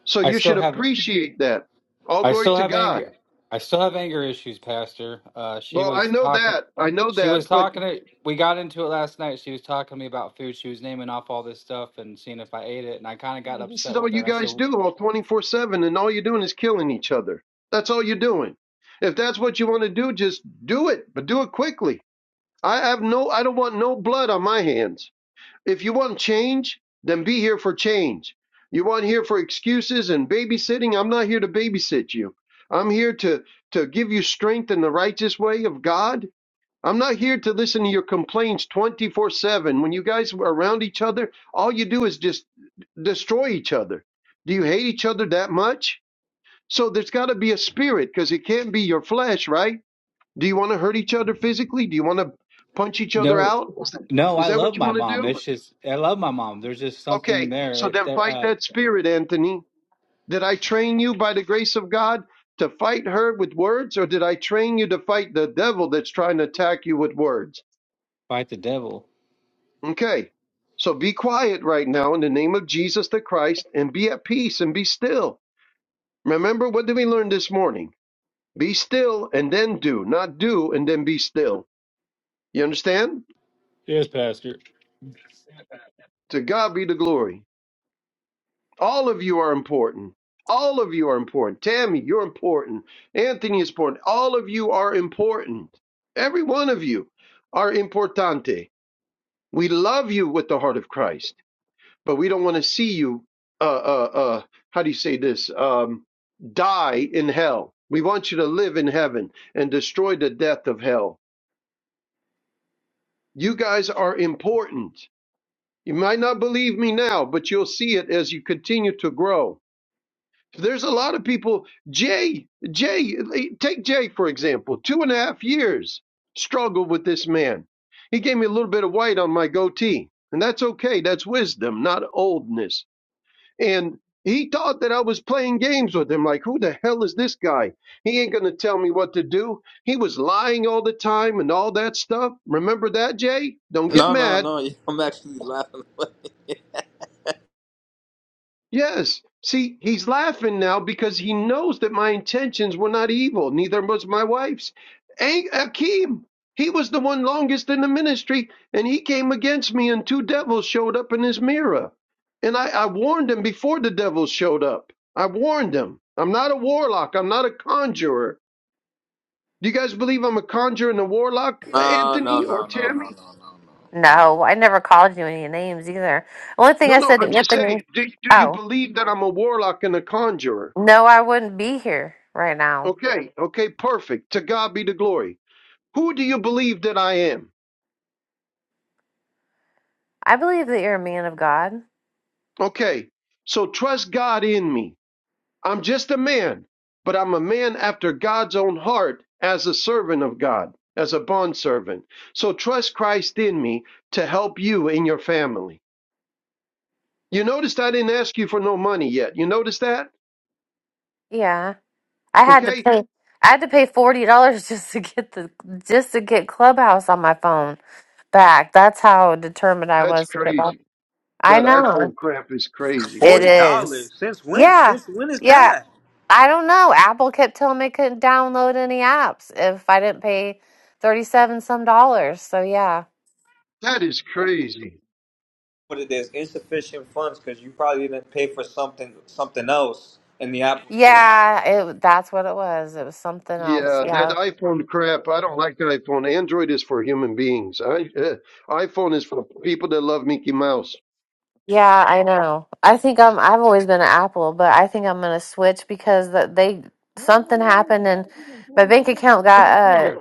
S1: So
S6: I
S1: you
S6: still
S1: should
S6: have.
S1: appreciate that. All
S6: I
S1: glory
S6: still
S1: to
S6: have
S1: God.
S6: anger. I still have anger issues, Pastor. Uh, she
S1: Well, I
S6: was
S1: know
S6: talking.
S1: that. I know
S6: She was
S1: that. But
S6: talking. To, we got into it last night. She was talking to me about food. She was naming off all this stuff and seeing if I ate it, and I kind of got
S1: This is
S6: upset
S1: all
S6: with her.
S1: you
S6: And I said,
S1: guys do all 24 7, and all you're doing is killing each other. That's all you're doing. If that's what you want to do, just do it, but do it quickly. I have no, I don't want no blood on my hands. If you want change, then be here for change. You want here for excuses and babysitting? I'm not here to babysit you. I'm here to, to give you strength in the righteous way of God I'm not here to listen to your complaints 24 7. When you guys are around each other, all you do is just destroy each other. Do you hate each other that much? So there's got to be a spirit because it can't be your flesh, right? Do you want to hurt each other physically? Do you want to punch each other
S6: "No,
S1: out? Is that,
S6: no,
S1: is
S6: I
S1: that
S6: love
S1: what you
S6: my
S1: want to
S6: mom.
S1: do?
S6: It's just I love my mom. There's just something
S1: Okay,
S6: there.
S1: so
S6: like,
S1: then
S6: That
S1: fight
S6: uh,
S1: that spirit, Anthony. Did I train you by the grace of God to fight her with words, or did I train you to fight the devil that's trying to attack you with words?
S6: fight the devil."
S1: Okay. So be quiet right now in the name of Jesus the Christ and be at peace and be still. Remember, what did we learn this morning? Be still and then do, not do and then be still. You understand?
S6: Yes, Pastor.
S1: To God be the glory. All of you are important. All of you are important. Tammy, you're important. Anthony is important. All of you are important. Every one of you are importante. We love you with the heart of Christ. but we don't want to see you uh uh uh how do you say this um die in hell we want you to live in heaven and destroy the death of hell you guys are important you might not believe me now but you'll see it as you continue to grow there's a lot of people jay jay take jay for example two and a half years struggled with this man he gave me a little bit of white on my goatee and that's okay that's wisdom not oldness And he thought that I was playing games with him. Like, who the hell is this guy? He ain't going to tell me what to do. He was lying all the time and all that stuff. Remember that, Jay? Don't
S2: it.
S1: get
S2: No, no,
S1: mad.
S2: no. (laughs) I'm actually laughing.
S1: Yes. See, he's laughing now because he knows that my intentions were not evil, neither was my wife's. A- Akeem, he was the one longest in the ministry, and he came against me, and two devils showed up in his mirror. And I, I warned him before the devils showed up. I warned him. I'm not a warlock. I'm not a conjurer. Do you guys believe I'm a conjurer and a warlock,
S2: (laughs) no, no,
S1: Anthony or
S2: no, no, no,
S1: Tammy?
S2: no, no, no.
S3: No, I never called you any names either. Only thing
S1: No,
S3: I
S1: no,
S3: said to
S1: I'm just
S3: Anthony,
S1: saying. Do, do you
S3: oh,
S1: believe that I'm a warlock and a conjurer?
S3: no, I wouldn't be here right now.
S1: Okay, okay, perfect. To God be the glory. Who do you believe that I am?
S3: I believe that you're a man of God.
S1: Okay, so trust God in me. I'm just a man, but I'm a man after God's own heart as a servant of God, as a bondservant. So trust Christ in me to help you and your family. You noticed I didn't ask you for no money yet. You noticed that?
S3: Yeah. I had to
S1: Okay,
S3: pay I had to pay forty dollars (laughs) just to get the just to get Clubhouse on my phone back. That's how determined I
S1: that's
S3: was to get back.
S1: crazy.
S3: I
S1: That
S3: know.
S1: iPhone crap is crazy,
S3: It
S2: Forty
S1: man.
S2: dollars.
S3: is.
S2: Since when?
S3: Yeah.
S2: Since when is
S3: Yeah,
S2: that?
S3: I don't know. Apple kept telling me I couldn't download any apps if I didn't pay 37 some dollars. So yeah.
S1: That is crazy.
S2: But there's insufficient funds because you probably didn't pay for something something else in the Apple store.
S3: Yeah, it that's what it was. It was something else.
S1: Yeah, that
S3: Yeah.
S1: iPhone crap. I don't like the iPhone. Android is for human beings. I, uh, iPhone is for people that love Mickey Mouse.
S3: Yeah, I know. I think I'm I've always been an Apple, but I think I'm gonna switch because that they something happened and my bank account
S1: It's right
S3: got uh
S1: there.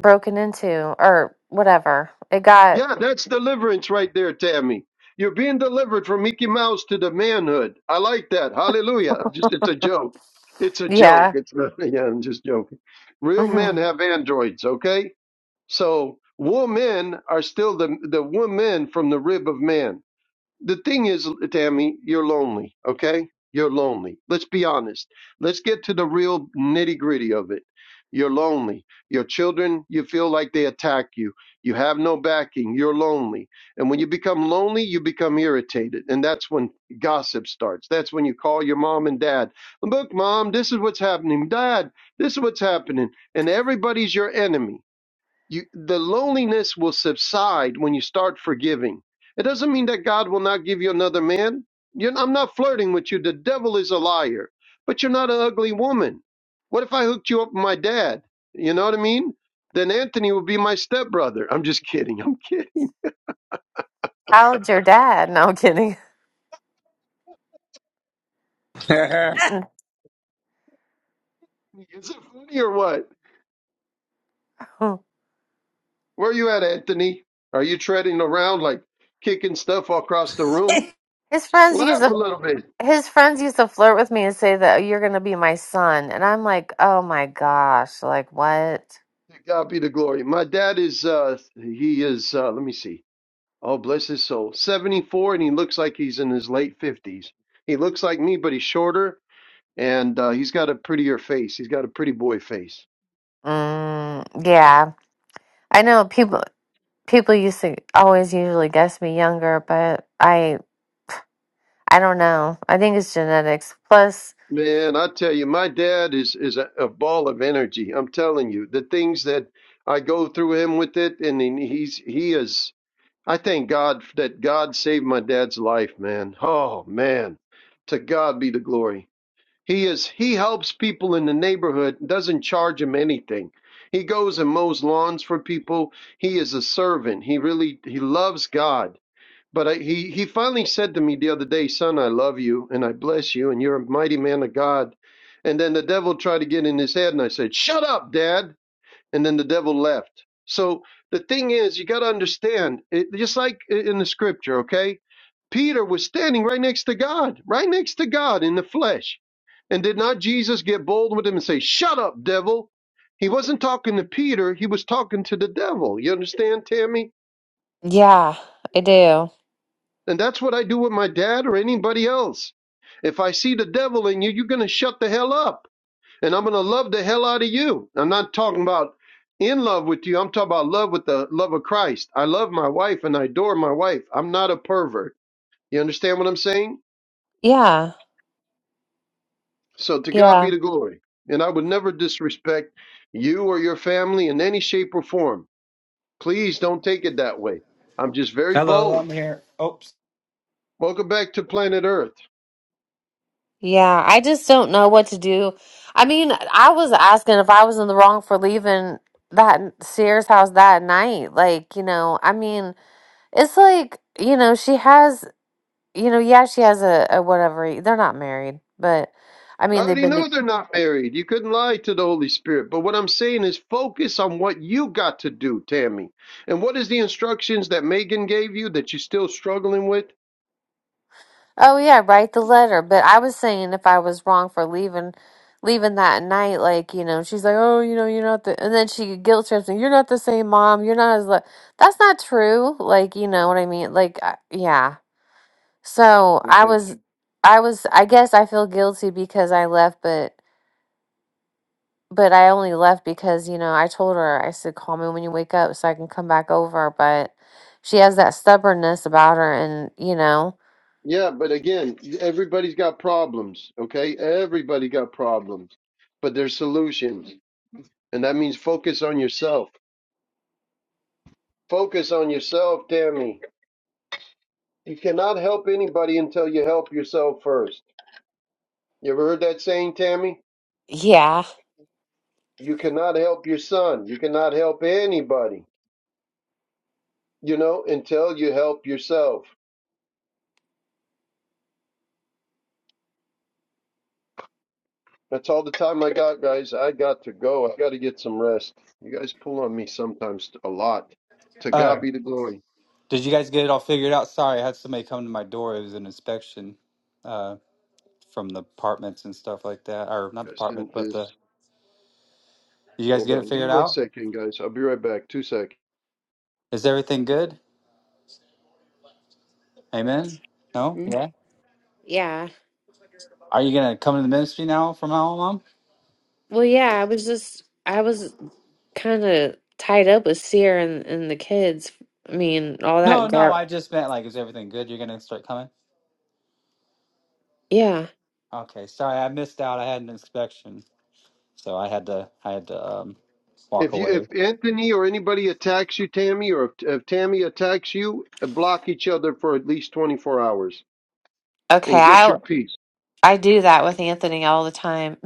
S3: broken into or whatever. It got
S1: Yeah, that's deliverance right there, Tammy. You're being delivered from Mickey Mouse to the manhood. I like that. Hallelujah. I'm Just it's a joke. It's a joke.
S3: yeah.
S1: It's not, (laughs) yeah, I'm just joking.
S3: (laughs)
S1: Real men
S3: hmm
S1: have androids, okay? So women are still the the woman from the rib of man. the thing is, Tammy, you're lonely, okay? You're lonely. Let's be honest. Let's get to the real nitty gritty of it. You're lonely. Your children, you feel like they attack you. You have no backing. You're lonely. And when you become lonely, you become irritated. And that's when gossip starts. That's when you call your mom and dad. Look, mom, this is what's happening. Dad, this is what's happening. And everybody's your enemy you the loneliness will subside when you start forgiving it doesn't mean that god will not give you another man you're, i'm not flirting with you the devil is a liar but you're not an ugly woman what if i hooked you up with my dad you know what i mean then anthony would be my stepbrother i'm just kidding i'm kidding
S3: How'd your dad? No I'm kidding.
S2: (laughs)
S1: (laughs) is it funny or what
S3: (laughs)
S1: where you at anthony are you treading around like kicking stuff across the room
S3: His friends use
S1: laugh a
S3: the
S1: little bit
S3: his friends used to flirt with me and say that "Oh, you're going to be my son. And I'm like, oh my gosh, like what?
S1: god be the glory my dad is uh he is uh let me see Oh, bless his soul. 74, and he looks like he's in his late 50s. He looks like me, but he's shorter, and uh, he's got a prettier face. He's got a pretty boy face.
S3: Mm, yeah. I know
S1: Yes.
S3: people people used to always usually guess me younger, but I I don't know. I think it's genetics. Plus,
S1: Man, I tell you, my dad is is a, a ball of energy. I'm telling you, the things that I go through him with it, and then he's he is. I thank God that God saved my dad's life, man. Oh man, to God be the glory. He is he helps people in the neighborhood, doesn't charge him anything. He goes and mows lawns for people. He is a servant. He really he loves God. But I, he he finally said to me the other day, "Son, I love you and I bless you and you're a mighty man of God." And then the devil tried to get in his head and I said, "Shut up, dad and then the devil left. So the thing is, you got to understand, it, just like i- in the scripture, okay? Peter was standing right next to God, right next to God in the flesh. And did not Jesus get bold with him and say, Shut up, devil? He wasn't talking to Peter, he was talking to the devil. You understand, Tammy?
S3: yeah, I do.
S1: And that's what I do with my dad or anybody else. If I see the devil in you, you're going to shut the hell up and I'm going to love the hell out of you. I'm not talking about in love with you. I'm talking about love with the love of Christ. I love my wife and I adore my wife. I'm not a pervert. You understand what I'm saying?
S3: Yeah.
S1: So to God
S3: Yeah.
S1: be the glory. And I would never disrespect you or your family in any shape or form. Please don't take it that way. I'm just very
S6: Hello, I'm
S1: bold.
S6: here. Oops.
S1: Welcome back to planet Earth.
S3: Yeah, I just don't know what to do. I mean, I was asking if I was in the wrong for leaving that Sears house that night. Like, you know, I mean, It's like, you know, she has, you know, yeah, she has a, a whatever. They're not married, but I
S1: I
S3: mean, they've
S1: already
S3: been. to-
S1: know they're not married. You couldn't lie to the Holy Spirit. But what I'm saying is focus on what you got to do, Tammy. And what is the instructions that Megan gave you that you're still struggling with?
S3: Oh yeah, write the letter. But I was saying if I was wrong for leaving, leaving that night, like you know, she's like, oh, you know, you're not the, and then she guilt trips me. You're not the same mom. You're not as. Li-. That's not true. Like you know what I mean. Like I, yeah. So I
S1: Okay.
S3: was, I was. I guess I feel guilty because I left, but. But I only left because, you know, I told her, I said, call me when you wake up so I can come back over. But she has that stubbornness about her. And, you know,
S1: Yeah, but again, everybody's got problems, okay? Everybody got problems, but there's solutions. And that means focus on yourself. Focus on yourself, Tammy. You cannot help anybody until you help yourself first. You ever heard that saying, Tammy?
S3: Yeah,
S1: You cannot help your son. You cannot help anybody you know, until you help yourself. That's all the time I got, guys. I got to go. I got to get some rest. You guys pull on me sometimes a lot. To
S6: Uh,
S1: God be the glory.
S6: did you guys get it all figured out? Sorry, I had somebody come to my door. It was an inspection. from the apartments and stuff like that, or not
S1: I
S6: the apartments,
S1: sent
S6: but
S1: this.
S6: the. Did you guys
S1: Hold
S6: get it
S1: on. Give me
S6: figured
S1: one
S6: out?
S1: second, guys. I'll be right back. Two seconds.
S6: Is everything good? Amen. No. Yeah.
S4: Okay.
S3: yeah.
S6: Are you gonna come to the ministry now from now on, Mom?
S3: Well, yeah, I was just, I was kind of tied up with Seer and, and the kids. I mean, all that
S6: No, no.
S3: gar.
S6: I just meant like, is everything good? You're gonna start coming?
S3: Yeah.
S6: Okay. Sorry, I missed out. I had an inspection, so I had to. I had to um, walk
S1: If you, if
S6: away.
S1: Anthony or anybody attacks you, Tammy, or if, if Tammy attacks you, block each other for at least 24 hours
S3: Okay,
S1: and get your
S3: I
S1: peace.
S3: I do that with Anthony all the time.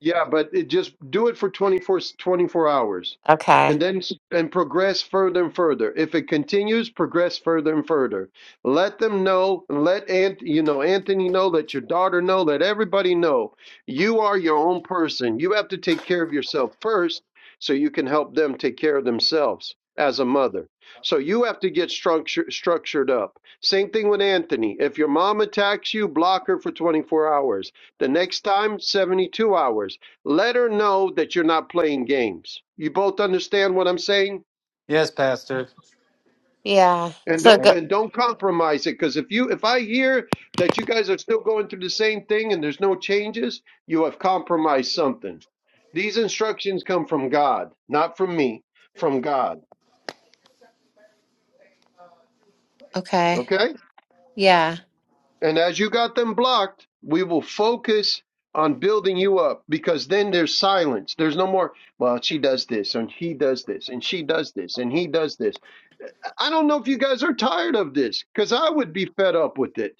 S1: Yeah, but it just do it for 24, 24 hours
S3: (laughs)
S1: and
S3: okay.
S1: then s- and progress further and further. If it continues, progress further and further. Let them know, let Ant, you know, Anthony know, let your daughter know, let everybody know. You are your own person. You have to take care of yourself first so you can help them take care of themselves as a mother. So you have to get structure, structured up. Same thing with Anthony. If your mom attacks you, block her for 24 hours the next time, 72 hours. Let her know that you're not playing games. You both understand what I'm saying?
S6: Yes, Pastor.
S3: Yeah.
S1: And
S3: So
S1: don't
S6: Thanks.
S3: go.
S1: and don't compromise it because if you if I hear that you guys are still going through the same thing and there's no changes, you have compromised something. These instructions come from God, not from me, from God.
S3: Okay.
S1: Okay?
S3: Yeah.
S1: And as you got them blocked, we will focus on building you up because then there's silence. There's no more, well, she does this and he does this and she does this and he does this. I don't know if you guys are tired of this because I would be fed up with it.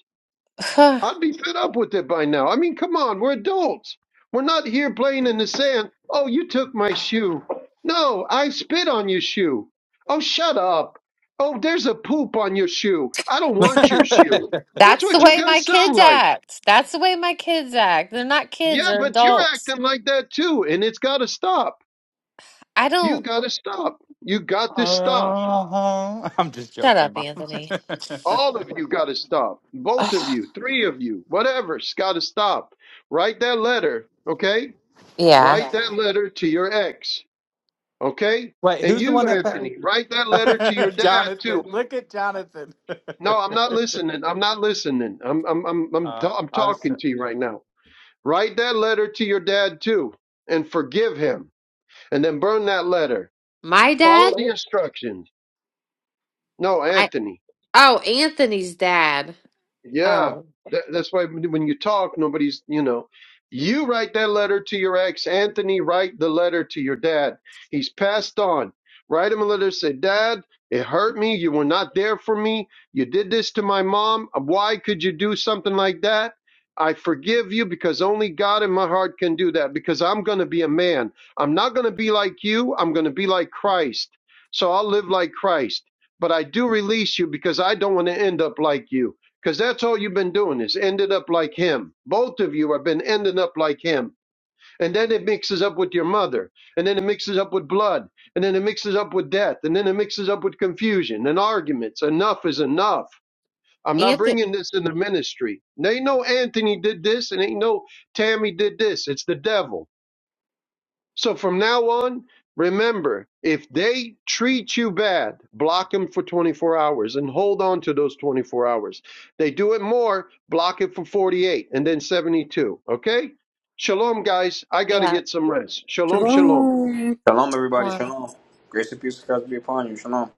S3: (sighs)
S1: I'd be fed up with it by now. I mean, come on, we're adults. We're not here playing in the sand. Oh, you took my shoe. No, I spit on your shoe. Oh, shut up. Oh, there's a poop on your shoe. I don't want your shoe.
S6: (laughs)
S1: That's
S3: That's the
S1: what you
S3: way my
S1: guys sound
S3: kids
S1: like.
S3: act. That's the way my kids act. They're not kids,
S1: Yeah,
S3: they're
S1: but you're
S3: adults.
S1: acting like that too, and it's got to stop.
S3: I
S1: You
S3: don't
S1: got to stop. You got to stop.
S6: Uh-huh. I'm just
S3: shut
S6: joking,
S3: up,
S6: Mom.
S3: Anthony.
S1: All of you got to stop.
S3: (sighs)
S1: Both of
S3: Ugh.
S1: you, three of you, whatever's got to stop. Write that letter, okay?
S3: Yeah.
S1: Write that letter to your ex, okay?
S6: (laughs) Wait,
S1: And
S6: who's the one
S1: you,
S6: that?
S1: Anthony, write that letter to your
S6: (laughs)
S1: dad too.
S6: Jonathan, look at Jonathan. (laughs)
S1: No, I'm not listening. I'm not listening. I'm I'm I'm I'm,
S6: uh,
S1: ta- I'm
S6: I was.
S1: talking to you right now. Write that letter to your dad too and forgive him and then burn that letter
S3: My
S1: Follow
S3: dad?
S1: the instructions. No,
S3: I
S1: Anthony.
S3: oh, Anthony's dad.
S1: Yeah,
S3: Oh.
S1: that, that's why when when you talk, nobody's, you know, you write that letter to your ex, Anthony, write the letter to your dad. He's passed on. Write him a letter, say, Dad, it hurt me. You were not there for me. You did this to my mom. Why could you do something like that? I forgive you because only God in my heart can do that because I'm going to be a man. I'm not going to be like you. I'm going to be like Christ. So I'll live like Christ. But I do release you because I don't want to end up like you because that's all you've been doing is ended up like him. Both of you have been ending up like him. And then it mixes up with your mother. And then it mixes up with blood. And then it mixes up with death. And then it mixes up with confusion and arguments. Enough is enough. I'm not
S3: Anthony.
S1: bringing this in the ministry. They know Anthony did this and ain't no Tammy did this. It's the devil. So from now on, remember if they treat you bad, block them for 24 hours and hold on to those 24 hours. They do it more, block it for 48 and then 72. Okay? Shalom, guys. I got to
S3: Yeah.
S1: get some rest. Shalom, shalom.
S4: Shalom.
S2: shalom, everybody. Shalom. Grace and peace of God be upon you. Shalom.